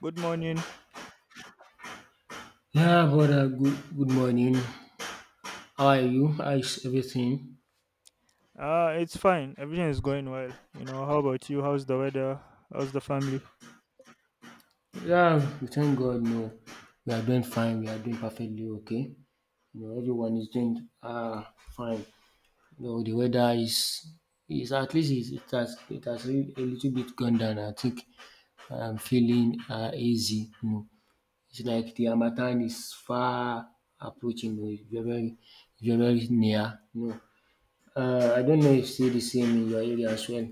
Good morning. Yeah, brother, good morning. How are you? How is everything? It's fine. Everything is going well. You know, how about you? How's the weather? How's the family? Yeah, we thank God. No, we are doing fine. We are doing perfectly okay. You know, everyone is doing fine. You know, the weather is at least is it has a little bit gone down. I think I'm feeling easy. You know, it's like the Harmattan is far approaching. You know, it's very, very, very near. You know, I don't know if it's still the same in your area as well.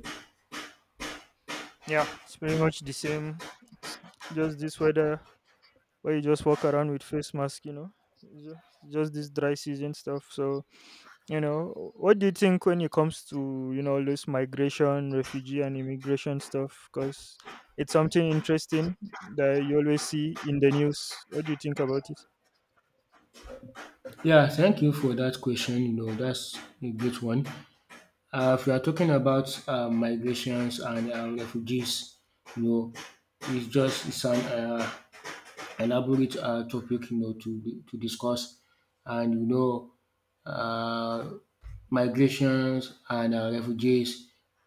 Yeah, it's pretty much the same. It's just this weather where you just walk around with face mask, you know. It's just this dry season stuff. So, you know, what do you think when it comes to, you know, all this migration, refugee and immigration stuff? Because it's something interesting that you always see in the news. What do you think about it? Yeah, thank you for that question. You know, that's a great one. If we are talking about migrations and refugees, you know, it's just, it's an elaborate topic, you know, to to discuss. And you know, uh, migrations and refugees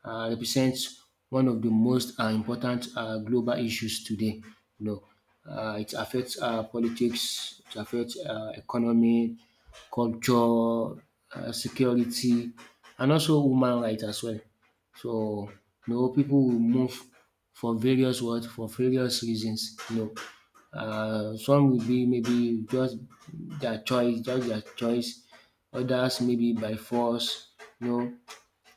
represents one of the most important global issues today. You know, it affects politics, it affects economy, culture, security, and also human rights as well. So you know, people will move for various what for various reasons, you know. Some will be maybe just their choice, just their choice. Others maybe by force, you know.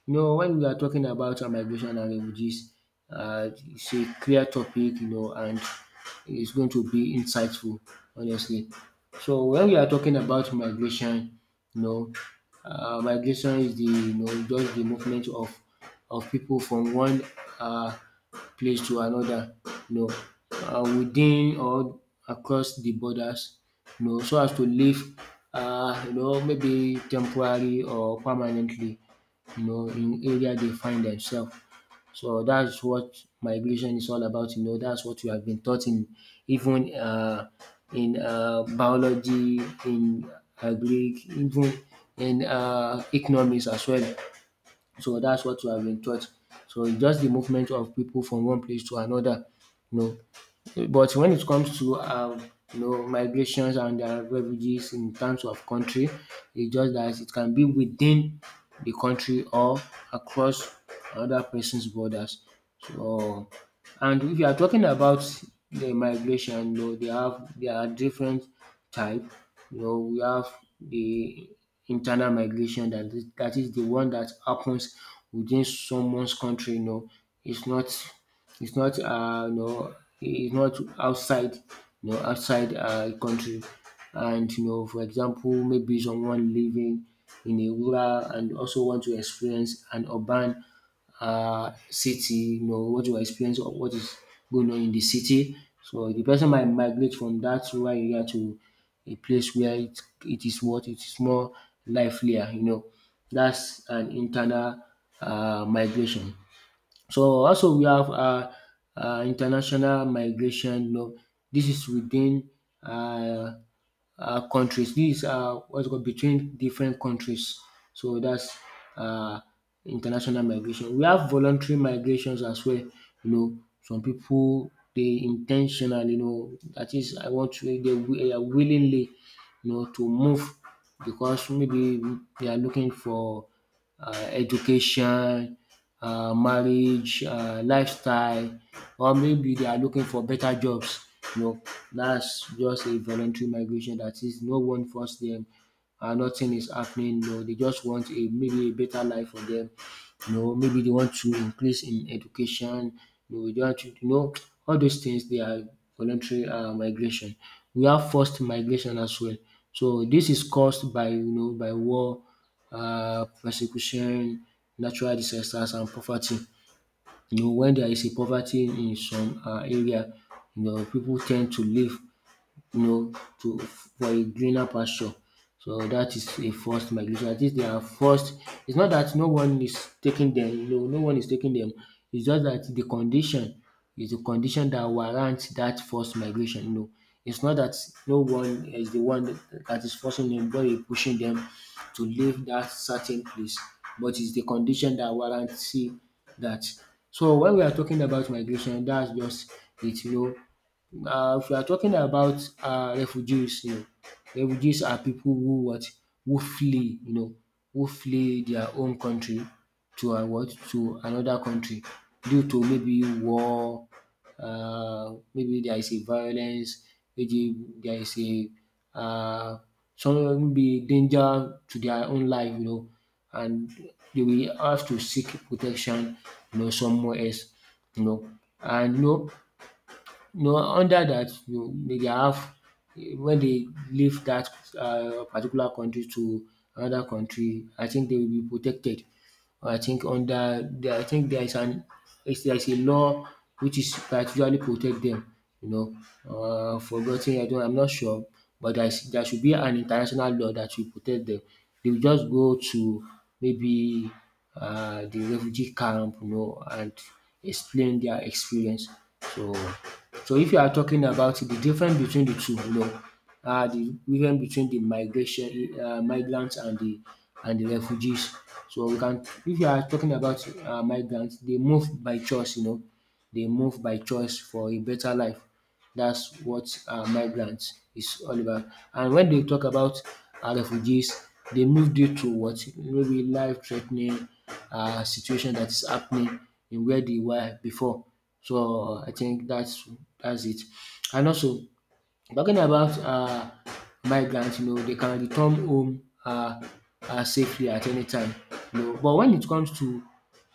You know, when we are talking about migration and refugees, it's a clear topic, you know, and it's going to be insightful, honestly. So when we are talking about migration, you know, migration is the you know just the movement of people from one uh, place to another, you know, within or across the borders, you know, so as to live, you know, maybe temporary or permanently, you know, in area they find themselves. So that's what migration is all about. You know, that's what we have been taught in even in biology, in agric, even in economics as well. So that's what we have been taught. So it's just the movement of people from one place to another. You know, but when it comes to you know, migrations and refugees in terms of country, it's just that it can be within the country or across another person's borders. So, and if you are talking about the migration, you know, they have there are different type. You know, we have the internal migration. That is the one that happens within someone's country. You know, it's not, it's not no, it's not outside, you know, outside country. And you know, for example, maybe someone living in a rural and also want to experience an urban city, you know, want to experience of what is going on in the city. So the person might migrate from that rural area to a place where it is more livelier, you know. That's an internal migration. So also we have international migration, you know. This is within um countries. This is what's called, between different countries. So that's um international migration. We have voluntary migrations as well, you know. Some people, they intentionally, you know, that is, I want to they dey willingly, you know, to move because maybe they are looking for education, marriage, lifestyle, or maybe they are looking for better jobs. You know, that's just a voluntary migration. That is, no one force them and nothing is happening. No, they just want a maybe a better life for them, you know. Maybe they want to increase in education, you know, they want to, you know, all those things, they are voluntary migration. We have forced migration as well. So this is caused by, you know, by war, persecution, natural disasters, and poverty. You know, when there is a poverty in some area, you know, people tend to leave, you know, to for a greener pasture. So that is a forced migration. At least they are forced. It's not that no one is taking them, you know, no one is taking them. It's just that the condition is the condition that warrants that forced migration. You know, it's not that no one is the one that is forcing them, but is pushing them to leave that certain place. But it's the condition that warrants see that. So when we are talking about migration, that's just it. You know, if we are talking about refugees, you know, refugees are people who what who flee, you know, who flee their own country to what to another country due to maybe war, maybe there is a violence, maybe there is a uh, some maybe danger to their own life, you know. And they will have to seek protection, you know, somewhere else, you know. And you know, no, under that, you dey have, when they leave that particular country to another country, I think they will be protected. I think under there, I think there is an, it's, there is a law which is particularly protect them, you know. Uh, I have, I don't, I'm not sure, but there is, there should be an international law that will protect them. They will just go to maybe the refugee camp, you know, and explain their experience. So, so if you are talking about the difference between the two, you know, the difference between the migration, migrants and the, and the refugees. So we can, if you are talking about migrants, they move by choice, you know. They move by choice for a better life. That's what migrants is all about. And when they talk about refugees, they move due to what maybe life threatening situation that is happening in where they were before. So I think that's it. And also, talking about migrant, you know, they can return home safely at any time, you know. But when it comes to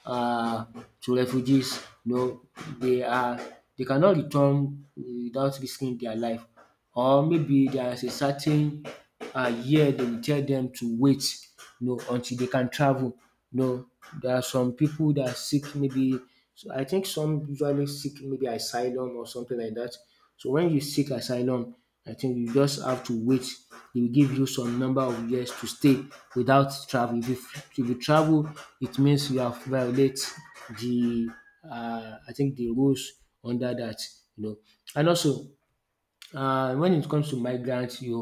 uh, refugees, you know, they are, they cannot return without risking their life, or maybe there is a certain year they will tell them to wait, you know, until they can travel. You know, there are some people that are seek maybe, so I think some usually seek maybe asylum or something like that. So when you seek asylum, I think you just have to wait. They will give you some number of years to stay without travel. If you travel, it means you have violate the I think the rules under that, you know. And also when it comes to migrants, you,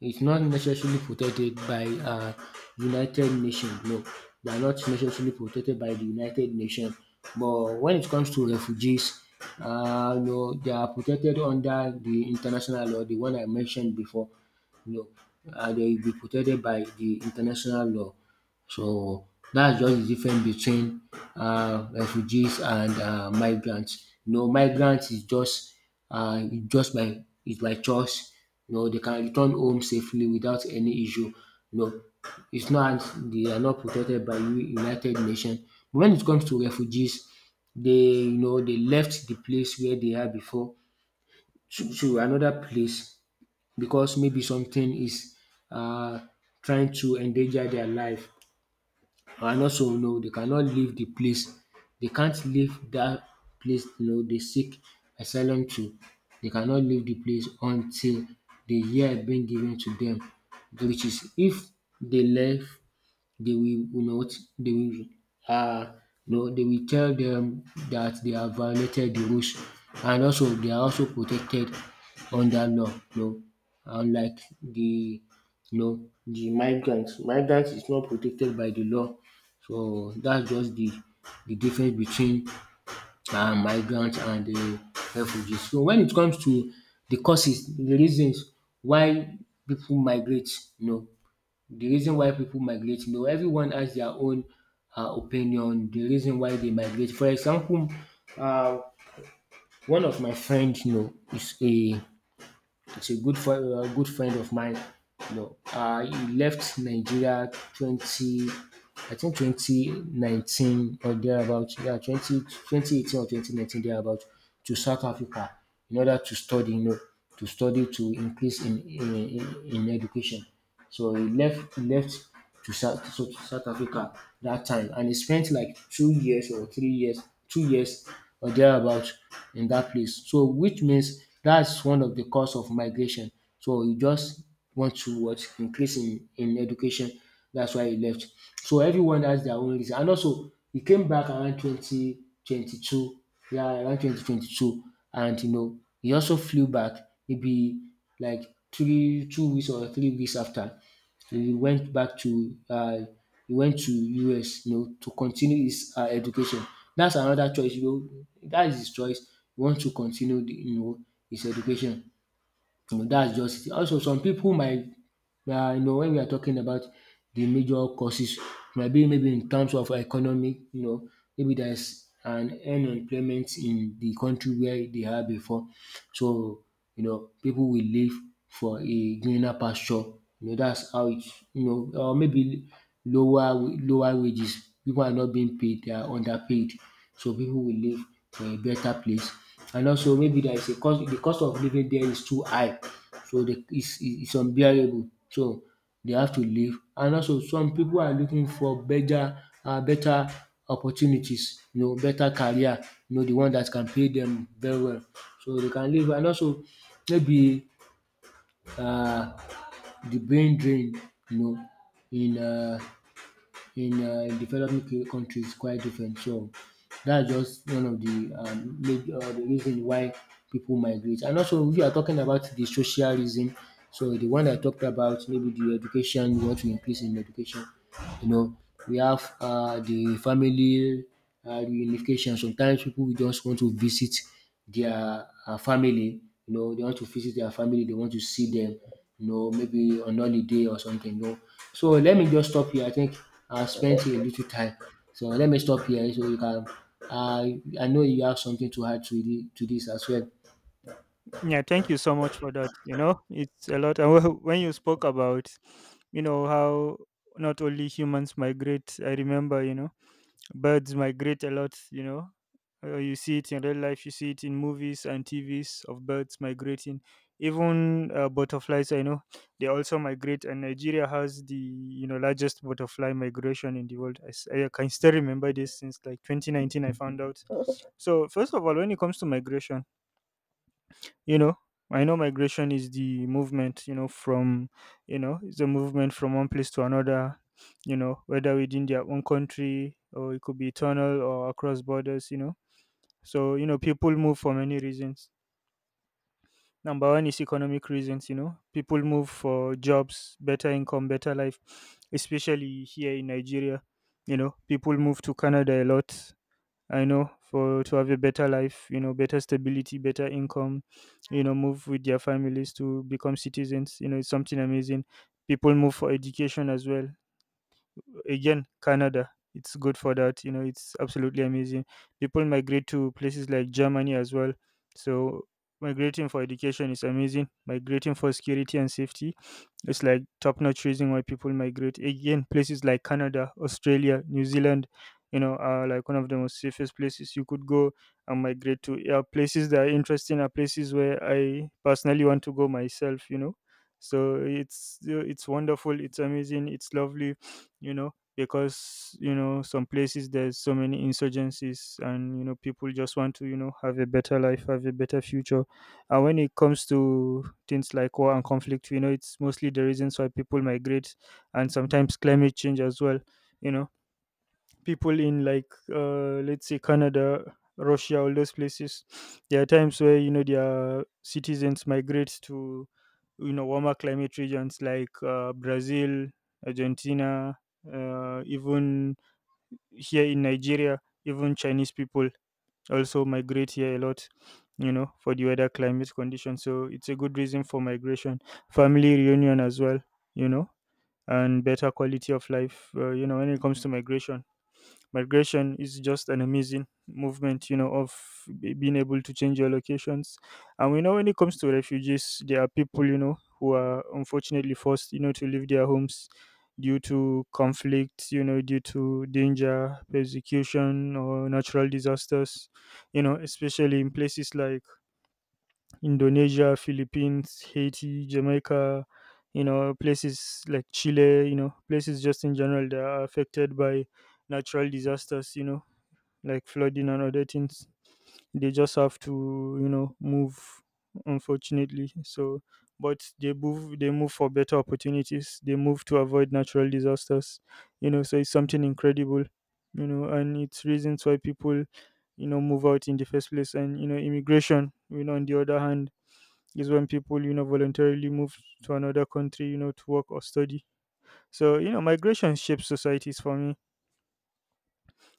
it's not necessarily protected by United Nations. No, they are not necessarily protected by the United Nations. But when it comes to refugees, no, they are protected under the international law, the one I mentioned before. No, they will be protected by the international law. So that's just the difference between refugees and migrants. You know, migrants is just by, it's by choice. You know, they can return home safely without any issue. You know, it's not, they are not protected by United Nations. But when it comes to refugees, they, you know, they left the place where they are before to another place because maybe something is uh, trying to endanger their life. And also, no dey cannot leave the place. They can't leave dat place, no dey seek asylum to. They cannot leave the place until the year being given to dem, which is, if they left, they will not, they will um no, they will tell them that they have violated the rules. And also they are also protected under law. No, unlike the, no, the migrants. Migrants is not protected by the law. So that's just the difference between migrants and refugees. So when it comes to the causes, the reasons why people migrate, you know, the reason why people migrate. You know, everyone has their own opinion, the reason why they migrate. For example, uh, one of my friends, you know, is a, it's a good, for a good friend of mine. You know, he left Nigeria twenty, I think 2019 or thereabout, yeah, 20 2018 or 2019 thereabout, to South Africa in order to study, you know, to study to increase in, in education. So he left, to South Africa that time, and he spent like 2 years or 3 years, 2 years or thereabout in that place. So which means that's one of the cause of migration. So you just want to what increase in education, that's why he left. So everyone has their own reason. And also, he came back around 2022. Yeah, around 2022. And, you know, he also flew back maybe like three, 2 weeks or 3 weeks after. He went back to, he went to US, you know, to continue his education. That's another choice, you know. That is his choice. He wants to continue, you know, his education. You know, that's just it. Also, some people might, you know, when we are talking about the major causes, might be maybe in terms of economic, you know, maybe there's an unemployment in the country where they are before. So, you know, people will live for a greener pasture. You know, or maybe lower wages. People are not being paid, they are underpaid. So people will live for a better place. And also maybe there is a cost of living there is too high. So it's unbearable. So they have to leave, and also some people are looking for better, better opportunities, you know, better career, you know, the one that can pay them very well, so they can leave. And also maybe, um the brain drain, you know, in um in developing countries is quite different. So that's just one of the major the reason why people migrate. And also, if you are talking about the social reason, so the one I talked about, maybe the education, you want to increase in education, you know, we have the family reunification. Sometimes people will just want to visit their family, you know, they want to visit their family, they want to see them, you know, maybe on holiday or something, you know. So let me just stop here, I think I spent a little time, so let me stop here so you can, uh, I know you have something to add to, to this as well. Yeah, thank you so much for that. You know, it's a lot. And when you spoke about, you know, how not only humans migrate, I remember, you know, birds migrate a lot, you know. You see it in real life, you see it in movies and TVs of birds migrating. Even butterflies, I know, they also migrate, and Nigeria has the you know largest butterfly migration in the world. I can still remember this since like 2019. I found out. So first of all, when it comes to migration, you know, I know migration is the movement, you know, from, you know, it's a movement from one place to another, you know, whether within their own country or it could be tunnel or across borders, you know. So you know people move for many reasons. Number one is economic reasons. You know, people move for jobs, better income, better life, especially here in Nigeria. You know, people move to Canada a lot. I know for to have a better life, you know, better stability, better income, you know, move with their families to become citizens. You know, it's something amazing. People move for education as well. Again, Canada, it's good for that. You know, it's absolutely amazing. People migrate to places like Germany as well. So migrating for education is amazing. Migrating for security and safety, it's like top notch reason why people migrate. Again, places like Canada, Australia, New Zealand, you know, are like one of the most safest places you could go and migrate to. Yeah, places that are interesting are places where I personally want to go myself, you know. So it's wonderful, it's amazing, it's lovely, you know, because you know, some places there's so many insurgencies and you know, people just want to, you know, have a better life, have a better future. And when it comes to things like war and conflict. You know, it's mostly the reasons why people migrate, and sometimes climate change as well. You know, people in like, let's say, Canada, Russia, all those places, there are times where, you know, their citizens migrate to, you know, warmer climate regions like Brazil, Argentina, even here in Nigeria. Even Chinese people also migrate here a lot, you know, for the weather climate conditions. So it's a good reason for migration. Family reunion as well, you know, and better quality of life. You know, when it comes to migration, migration is just an amazing movement, you know, of being able to change your locations. And we know when it comes to refugees, there are people, you know, who are unfortunately forced, you know, to leave their homes due to conflict, you know, due to danger, persecution, or natural disasters, you know, especially in places like Indonesia, Philippines, Haiti, Jamaica, you know, places like Chile, you know, places just in general that are affected by natural disasters, you know, like flooding and other things. They just have to, you know, move. Unfortunately, so but they move. They move for better opportunities. They move to avoid natural disasters. You know, so it's something incredible. You know, and it's reasons why people, you know, move out in the first place. And you know, immigration. You know, on the other hand, is when people, you know, voluntarily move to another country, you know, to work or study. So you know, migration shapes societies for me.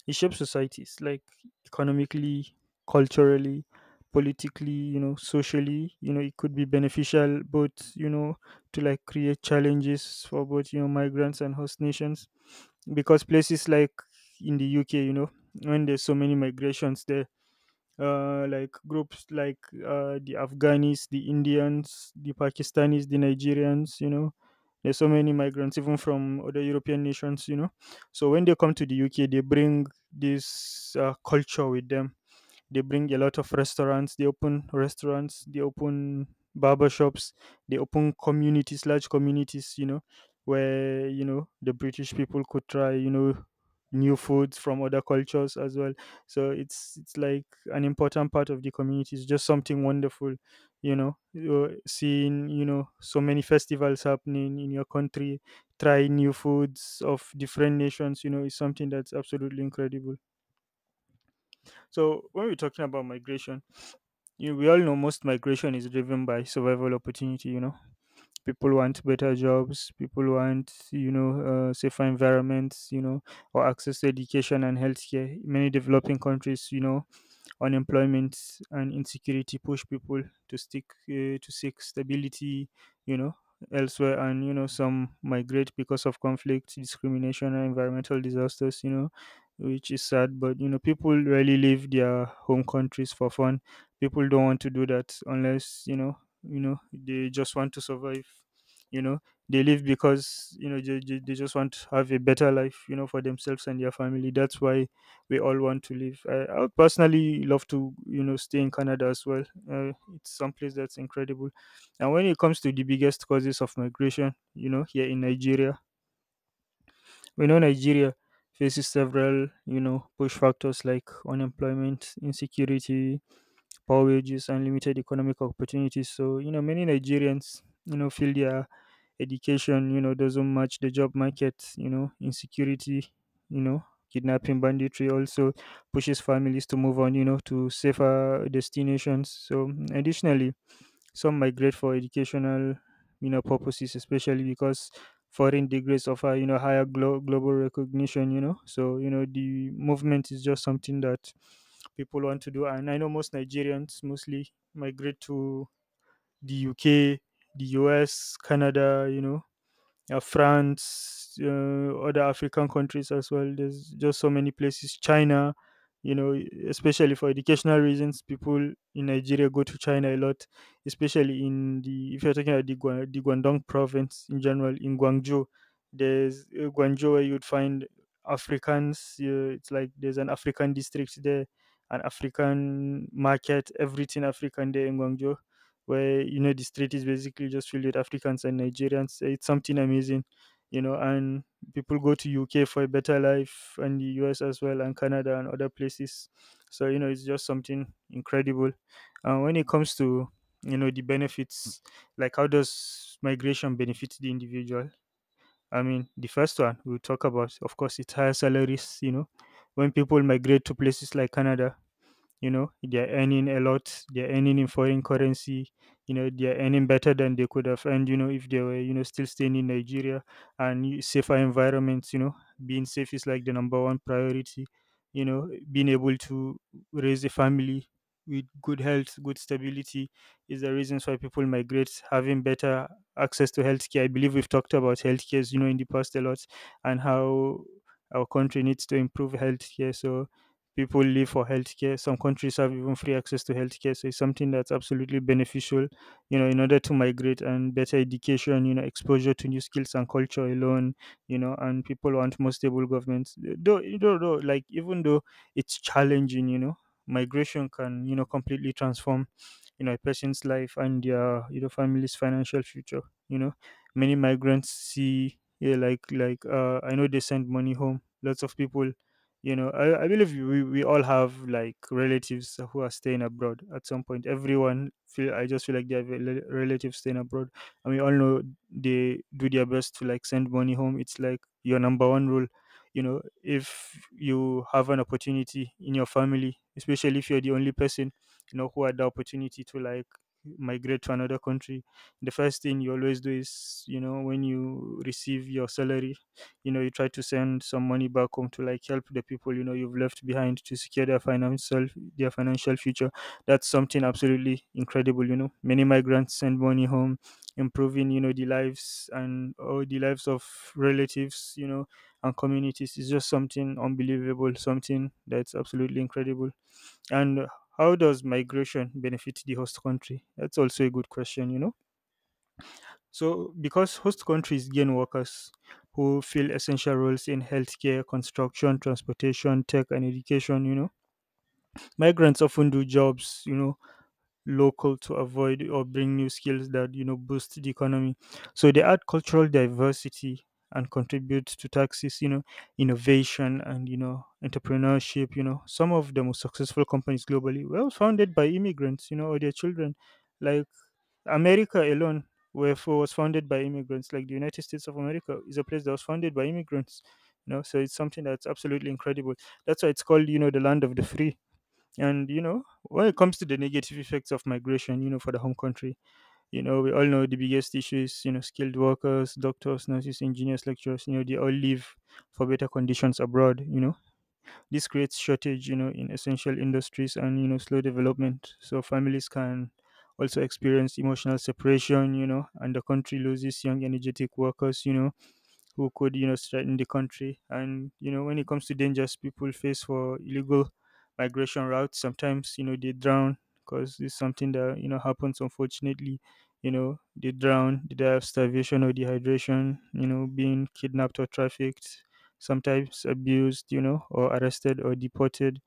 It shapes societies like economically, culturally, politically, you know, socially. You know, it could be beneficial, but you know, to like create challenges for both, you know, migrants and host nations, because places like in the UK, you know, when there's so many migrations there, like groups like the Afghanis, the Indians, the Pakistanis, the Nigerians, you know. There's so many migrants, even from other European nations, you know. So when they come to the UK, they bring this culture with them. They bring a lot of restaurants. They open restaurants, they open barber shops, they open communities, large communities, you know, where you know the British people could try, you know, new foods from other cultures as well. So it's like an important part of the community. It's just something wonderful. You know, you're seeing, you know, so many festivals happening in your country, try new foods of different nations, you know, is something that's absolutely incredible. So when we're talking about migration, you, we all know most migration is driven by survival opportunity. You know, people want better jobs, people want, you know, safer environments, you know, or access to education and healthcare. Many developing countries, you know, unemployment and insecurity push people to stick to seek stability, you know, elsewhere. And you know some migrate because of conflict, discrimination and environmental disasters, you know, which is sad, but you know people rarely leave their home countries for fun. People don't want to do that unless, you know, you know they just want to survive, you know. They leave because you know they just want to have a better life, you know, for themselves and their family. That's why we all want to live. I would personally love to, you know, stay in Canada as well. It's someplace that's incredible. And when it comes to the biggest causes of migration, you know, here in Nigeria, we know Nigeria faces several, you know, push factors like unemployment, insecurity, poor wages, unlimited economic opportunities. So, you know, many Nigerians, you know, feel their education, you know, doesn't match the job market. You know, insecurity, you know, kidnapping, banditry also pushes families to move on, you know, to safer destinations. So, additionally, some migrate for educational, you know, purposes, especially because foreign degrees offer, you know, higher global recognition, you know. So, you know, the movement is just something that people want to do. And I know most Nigerians mostly migrate to the UK, the US, Canada, you know, France, other African countries as well. There's just so many places. China, you know, especially for educational reasons, people in Nigeria go to China a lot, especially in the if you're talking about the, the Guangdong province in general, in Guangzhou, there's Guangzhou where you'd find Africans. It's like there's an African district there, an African market, everything African there in Guangzhou where you know the street is basically just filled with Africans and Nigerians. It's something amazing, you know. And people go to UK for a better life, and the US as well, and Canada and other places. So you know, it's just something incredible. And when it comes to you know the benefits, like how does migration benefit the individual? I mean, the first one we'll talk about, of course, it's higher salaries. You know, when people migrate to places like Canada, you know they're earning a lot, they're earning in foreign currency, you know they're earning better than they could have earned, you know, if they were, you know, still staying in Nigeria. And you- safer environments, you know, being safe is like the number one priority, you know, being able to raise a family with good health, good stability, is the reasons why people migrate. Having better access to healthcare, I believe we've talked about healthcare, you know, in the past a lot, and how our country needs to improve healthcare. So people live for healthcare. Some countries have even free access to healthcare. So it's something that's absolutely beneficial, you know, in order to migrate and better education, you know, exposure to new skills and culture alone, you know, and people want more stable governments. Though like even though it's challenging, you know, migration can, you know, completely transform you know a person's life and their you know family's financial future. You know, many migrants see, yeah, like I know they send money home, lots of people, you know. I believe we all have like relatives who are staying abroad. At some point everyone feel I just feel like they have a relatives staying abroad, and we all know they do their best to like send money home. It's like your number one rule, you know. If you have an opportunity in your family, especially if you're the only person, you know, who had the opportunity to like migrate to another country, the first thing you always do is, you know, when you receive your salary, you know, you try to send some money back home to like help the people, you know, you've left behind to secure their financial future. That's something absolutely incredible, you know, many migrants send money home, improving you know the lives and all the lives of relatives, you know, and communities is just something unbelievable, something that's absolutely incredible. And how does migration benefit the host country? That's also a good question, you know. So, because host countries gain workers who fill essential roles in healthcare, construction, transportation, tech, and education, you know, migrants often do jobs, you know, local to avoid, or bring new skills that you know boost the economy. So they add cultural diversity and contribute to taxes, you know, innovation and you know entrepreneurship. You know, some of the most successful companies globally were founded by immigrants, you know, or their children, like America alone, where was founded by immigrants. Like the United States of America is a place that was founded by immigrants, you know, so it's something that's absolutely incredible. That's why it's called, you know, the land of the free. And you know, when it comes to the negative effects of migration, you know, for the home country, you know, we all know the biggest issues, you know, skilled workers, doctors, nurses, engineers, lecturers, you know, they all leave for better conditions abroad, you know. This creates shortage, you know, in essential industries and, you know, slow development. So families can also experience emotional separation, you know, and the country loses young energetic workers, you know, who could you know threaten the country. And you know when it comes to dangers people face for illegal migration routes, sometimes you know they drown, because it's something that you know happens unfortunately. You know they drown, they die of starvation or dehydration. You know being kidnapped or trafficked, sometimes abused. You know or arrested or deported.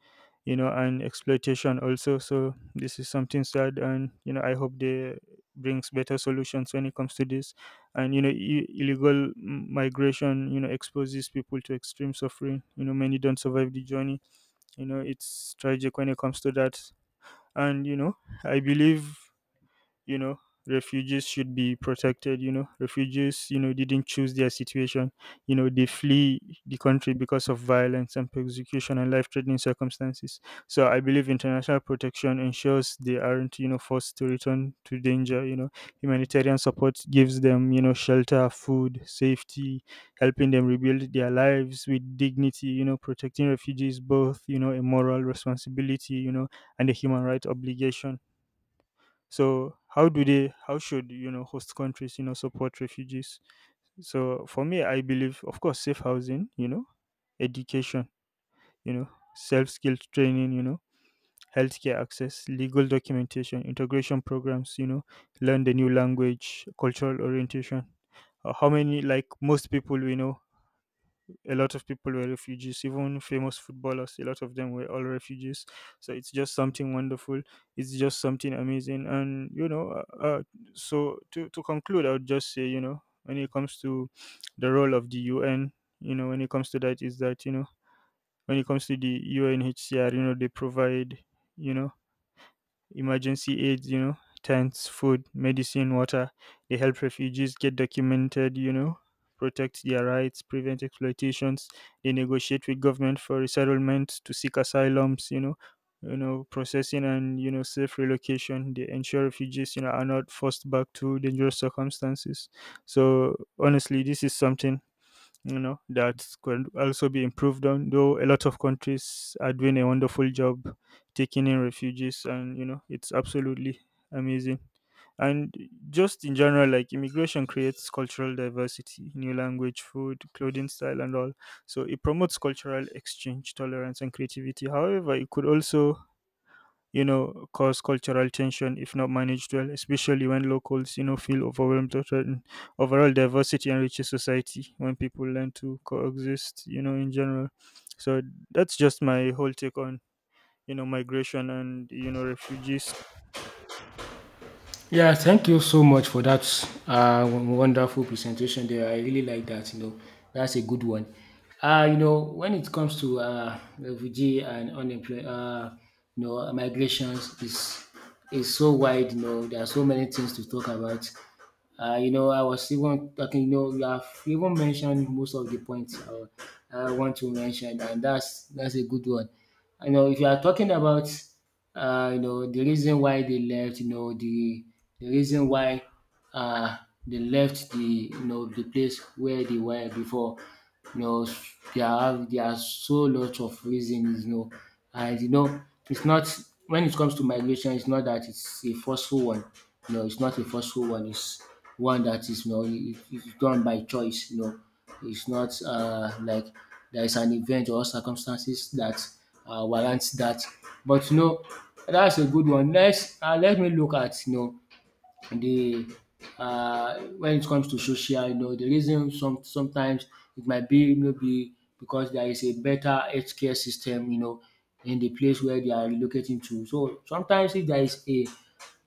You know and exploitation also. So this is something sad, and you know I hope they brings better solutions when it comes to this. And you know illegal migration you know exposes people to extreme suffering, you know, many don't survive the journey, you know, it's tragic when it comes to that. And you know I believe, you know, refugees should be protected. You know, refugees, you know, didn't choose their situation. You know, they flee the country because of violence and persecution and life threatening circumstances. So I believe international protection ensures they aren't, you know, forced to return to danger, you know. Humanitarian support gives them, you know, shelter, food, safety, helping them rebuild their lives with dignity. You know, protecting refugees both you know a moral responsibility, you know, and a human right obligation. So how do they? How should you know host countries you know support refugees? So for me, I believe, of course, safe housing, you know, education, you know, self skilled training, you know, healthcare access, legal documentation, integration programs, you know, learn the new language, cultural orientation. How many like most people we know a lot of people were refugees, even famous footballers, a lot of them were all refugees. So it's just something wonderful. It's just something amazing. So to conclude, I would just say, you know, when it comes to the role of the UN, you know, when it comes to that, is that, you know, when it comes to the UNHCR, you know, they provide, you know, emergency aids, you know, tents, food, medicine, water. They help refugees get documented, you know, protect their rights, prevent exploitations. They negotiate with government for resettlement to seek asylums, you know, processing and you know, safe relocation. They ensure refugees, you know, are not forced back to dangerous circumstances. So honestly, this is something you know that could also be improved on, though a lot of countries are doing a wonderful job taking in refugees, and you know it's absolutely amazing. And just in general, like, immigration creates cultural diversity, new language, food, clothing, style, and all. So it promotes cultural exchange, tolerance, and creativity. However, it could also, you know, cause cultural tension if not managed well, especially when locals, you know, feel overwhelmed or threatened. Overall, diversity enriches society when people learn to coexist, you know, in general. So that's just my whole take on, you know, migration and, you know, refugees. Yeah, thank you so much for that, wonderful presentation there. I really like that. You know, that's a good one. You know, when it comes to refugee and unemployment, you know, migrations is so wide. You know, there are so many things to talk about. You know, I was even talking. You know, you have even mentioned most of the points I want to mention, and that's a good one. You know, if you are talking about, you know, the reason why they left, you know, the reason why uh, they left you know, the place where they were before, you know, there are so lot of reasons, you know, and, you know, it's not, when it comes to migration, it's not that it's a forceful one. You know, it's not a forceful one. It's one that is, you know, it's done by choice, you know. It's not like there is an event or circumstances that warrants that. But you know, that's a good one. Let's let me look at, you know, the when it comes to social, you know, the reason, sometimes it might be maybe because there is a better healthcare system, you know, in the place where they are relocating to. So sometimes if there is a,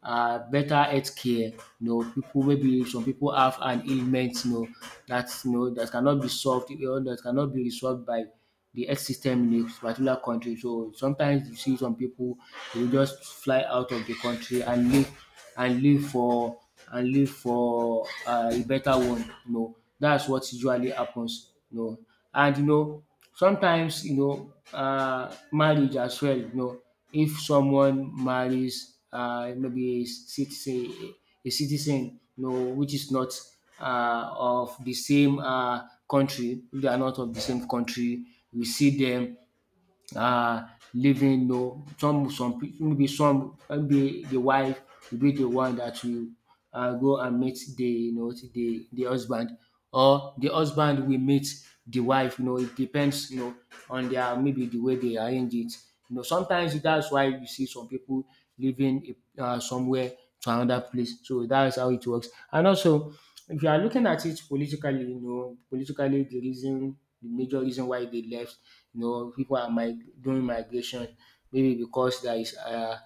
better health care. You know, people, maybe some people have an ailment, you know, that cannot be solved, you know, that cannot be resolved by the health system in a particular country. So sometimes you see some people, they will just fly out of the country and live for and live for a better one. You know, that's what usually happens. You know, and you know sometimes, you know, marriage as well, you know, if someone marries, maybe a citizen, a citizen, you know, which is not of the same country, if they are not of the same country, we see them, um living, you know, some peo- maybe some, maybe the wife will be the one that will go and meet the, you know, the husband, or the husband will meet the wife, you know. It depends, you know, on their, maybe the way they arrange it, you know. Sometimes that's why you see some people living, somewhere to another place. So that's how it works. And also if you are looking at it politically, you know, politically the reason, the major reason why they left, you know, people are doing migration, maybe because there is,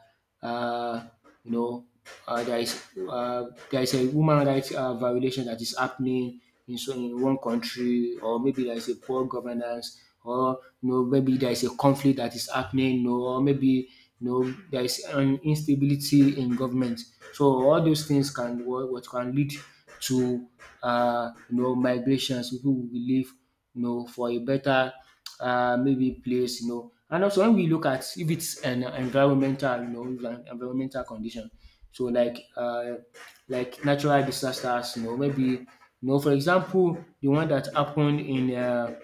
uh, you know, uh, there is there is a human rights violation that is happening in one country, or maybe there is a poor governance, or you know, maybe there is a conflict that is happening, you know, or maybe you know there is an instability in government. So all those things can what can lead to you know, migrations. People will leave, you know, for a better maybe place, you know. And also when we look at, if it's an environmental, you know, if an environmental condition, so like natural disasters, you know, maybe you know, for example, the one that happened in,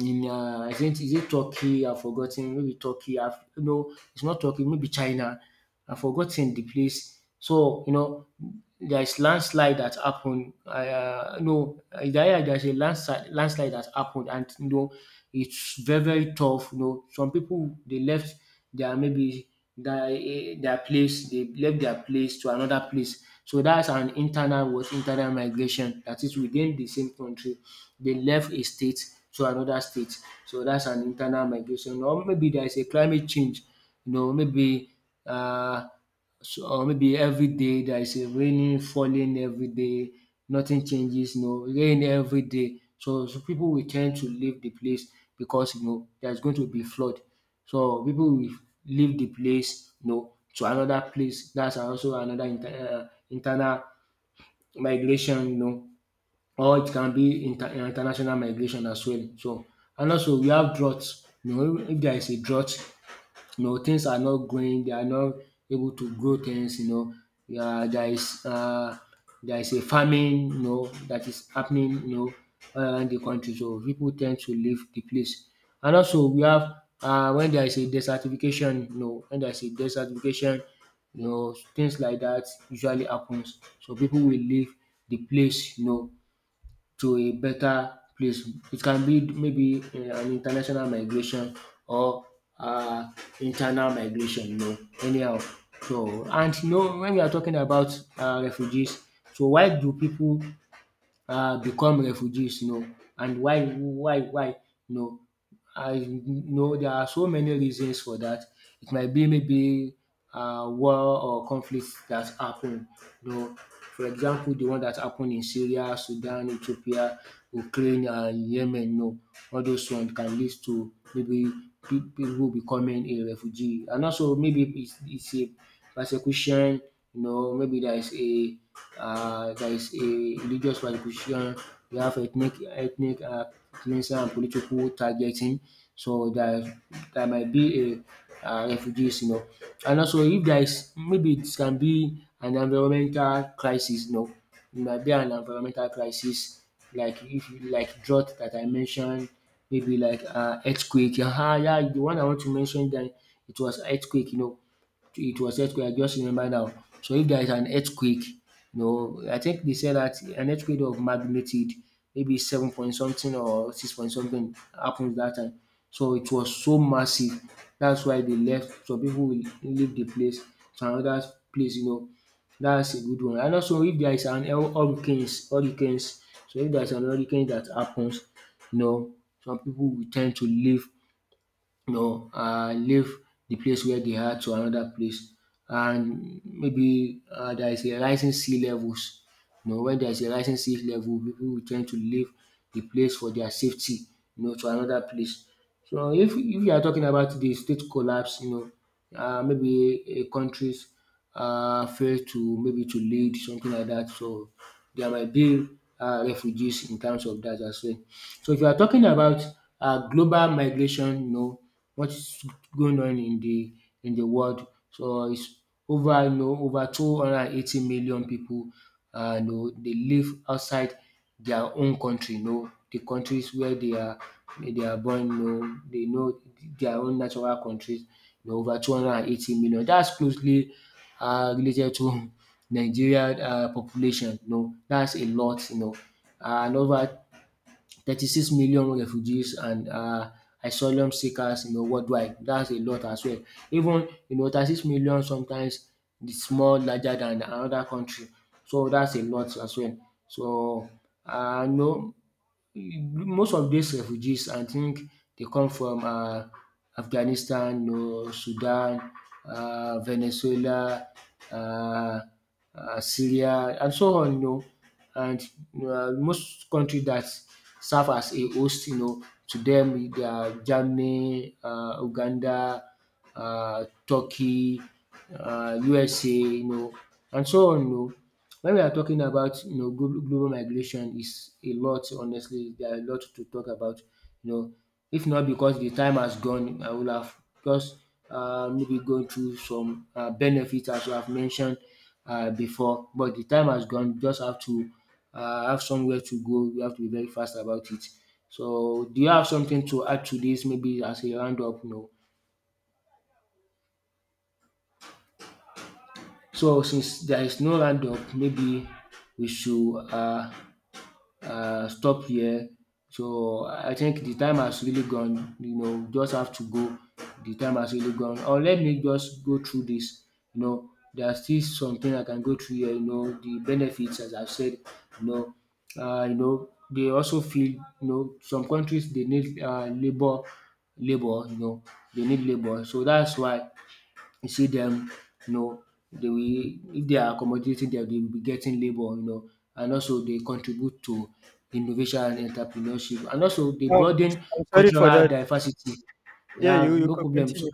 in, is it, is it Turkey? I've forgotten. Maybe Turkey. I've, no, it's not Turkey, maybe China. I've forgotten the place. So you know there is landslide that happened. No there there's a landslide Landslide that happened, and you know it's very tough. You know, some people they left their, maybe their, their place. They left their place to another place. So that's an internal, was internal migration that is within the same country. They left a state to another state. So that's an internal migration. Or maybe there is a climate change, you know, maybe, uh, or maybe every day there is a raining falling every day, nothing changes, you know, rain every day. So so pipu will tend to leave the place, because you know there is going to be flood. So people will leave the place, you know, to another place. That's also another internal migration, you know, or it can be international migration as well. So, and also we have droughts. You know, if there is a drought, you know, things are not growing, they are not able to grow things, you know. Yeah, there is a famine, you know, that is happening, you know, all around the country. So people tend to leave the place. And also we have when there is a desertification, you know, when there is a desertification, you know, things like that usually happens. So people will leave the place, you know, to a better place. It can be maybe, an international migration or, uh, internal migration, you know, anyhow. So, and you know, when we are talking about refugees, so why do people become refugees, you know. And why, why? No, I know there are so many reasons for that. It might be maybe war or conflicts that happened. You know, for example, the one that happened in Syria, Sudan, Ethiopia, Ukraine, and Yemen. You know, all those ones can lead to maybe people becoming a refugee. And also maybe it's a persecution, you know, maybe there is a, religious persecution, you have ethnic cleansing and political targeting. So there might be a, refugees, you know. And also, if there is, maybe it can be an environmental crisis, you know, it might be an environmental crisis, like if you- like drought that I mentioned, maybe like earthquake. Yeah, the one I want to mention that it was earthquake, you know, it was earthquake. I just remember now. So if there is an earthquake, you know, I think they said that an earthquake of magnitude, maybe 7. Something or 6. Something, happens that time. So it was so massive. That's why they left. Some people will leave the place to another place. You know, that's a good one. And also, if there is an hurricanes, hurricanes. So if there is an hurricane that happens, you know, some people will tend to leave, no, leave the place where they are to another place. And maybe there is a rising sea levels. You know, when there is a rising sea level, people will tend to leave the place for their safety, you know, to another place. So if you are talking about the state collapse, you know, maybe a country's fail to maybe to lead something like that. So there might be refugees in terms of that as well. So if you are talking about global migration, you know, what's going on in the world. So it's over, you know, over 280 million people. You know, dey live outside their own country, you know, the countries where they are born, you know, they know their own natural countries, you know, over 280 million. That's closely related to Nigeria population, you know. That's a lot, you know. And over 36 million refugees and asylum seekers, you know, worldwide. That's a lot as well. Even you know 36 million sometimes it's more larger than another country. So that's a lot as well. So no, most of these refugees, I think they come from, Afghanistan, you know, Sudan, Venezuela, um Syria, and so on, you know. And most countries that serve as a host, you know, to them, dem dia Germany, Uganda, Turkey, USA, you know, and so on. You know, when we are talking about, you know, global migration, is a lot. Honestly, there are a lot to talk about. You know, if not because the time has gone, I would have just maybe gone through some benefits as you have mentioned before. But the time has gone. You just have to have somewhere to go. You have to be very fast about it. So, do you have something to add to this? Maybe as a roundup. No. So since there is no roundup, maybe we should stop here. So I think the time has really gone, you know, we just have to go. The time has really gone. Or let me just go through this, you know, there are still something I can go through here, you know, the benefits as I've said, you know, you know, they also feel, you know, some countries they need labour, you know, they need labour. So that's why you see them, you know, they will, if they are accommodating dem, they will be getting labour, you know. And also they contribute to innovation and entrepreneurship, and also they No, broaden I'm sorry for cultural that. diversity. Yeah, you, Yeah, you no could problem. So continue.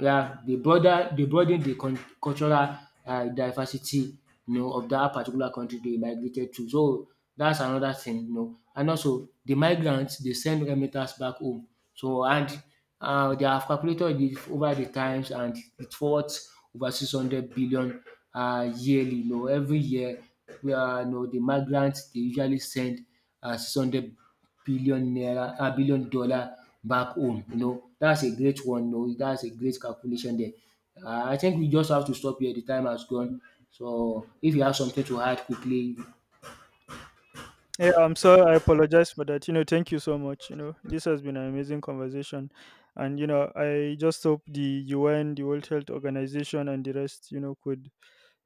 yeah, they broaden the cultural diversity, you know, of that particular country they migrated to. So that's another thing, you know. And also the migrants, they send remittance back home. So, and they have calculated the over the times, and it's worth over 600 billion yearly, you know, every year. You know, the migrants, they usually send, 600 billionaire a billion dollars back home, you know. That's a great one. No, that's a great calculation there. I think we just have to stop here, the time has gone. So if you have something to add quickly, Yeah, I'm sorry. I apologize for that. You know, thank you so much. You know, this has been an amazing conversation. And, you know, I just hope the UN, the World Health Organization, and the rest, you know, could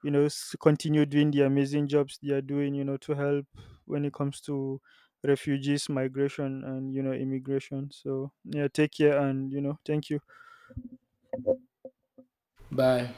you know continue doing the amazing jobs they are doing, you know, to help when it comes to refugees, migration, and you know immigration. So yeah, take care, and you know thank you bye.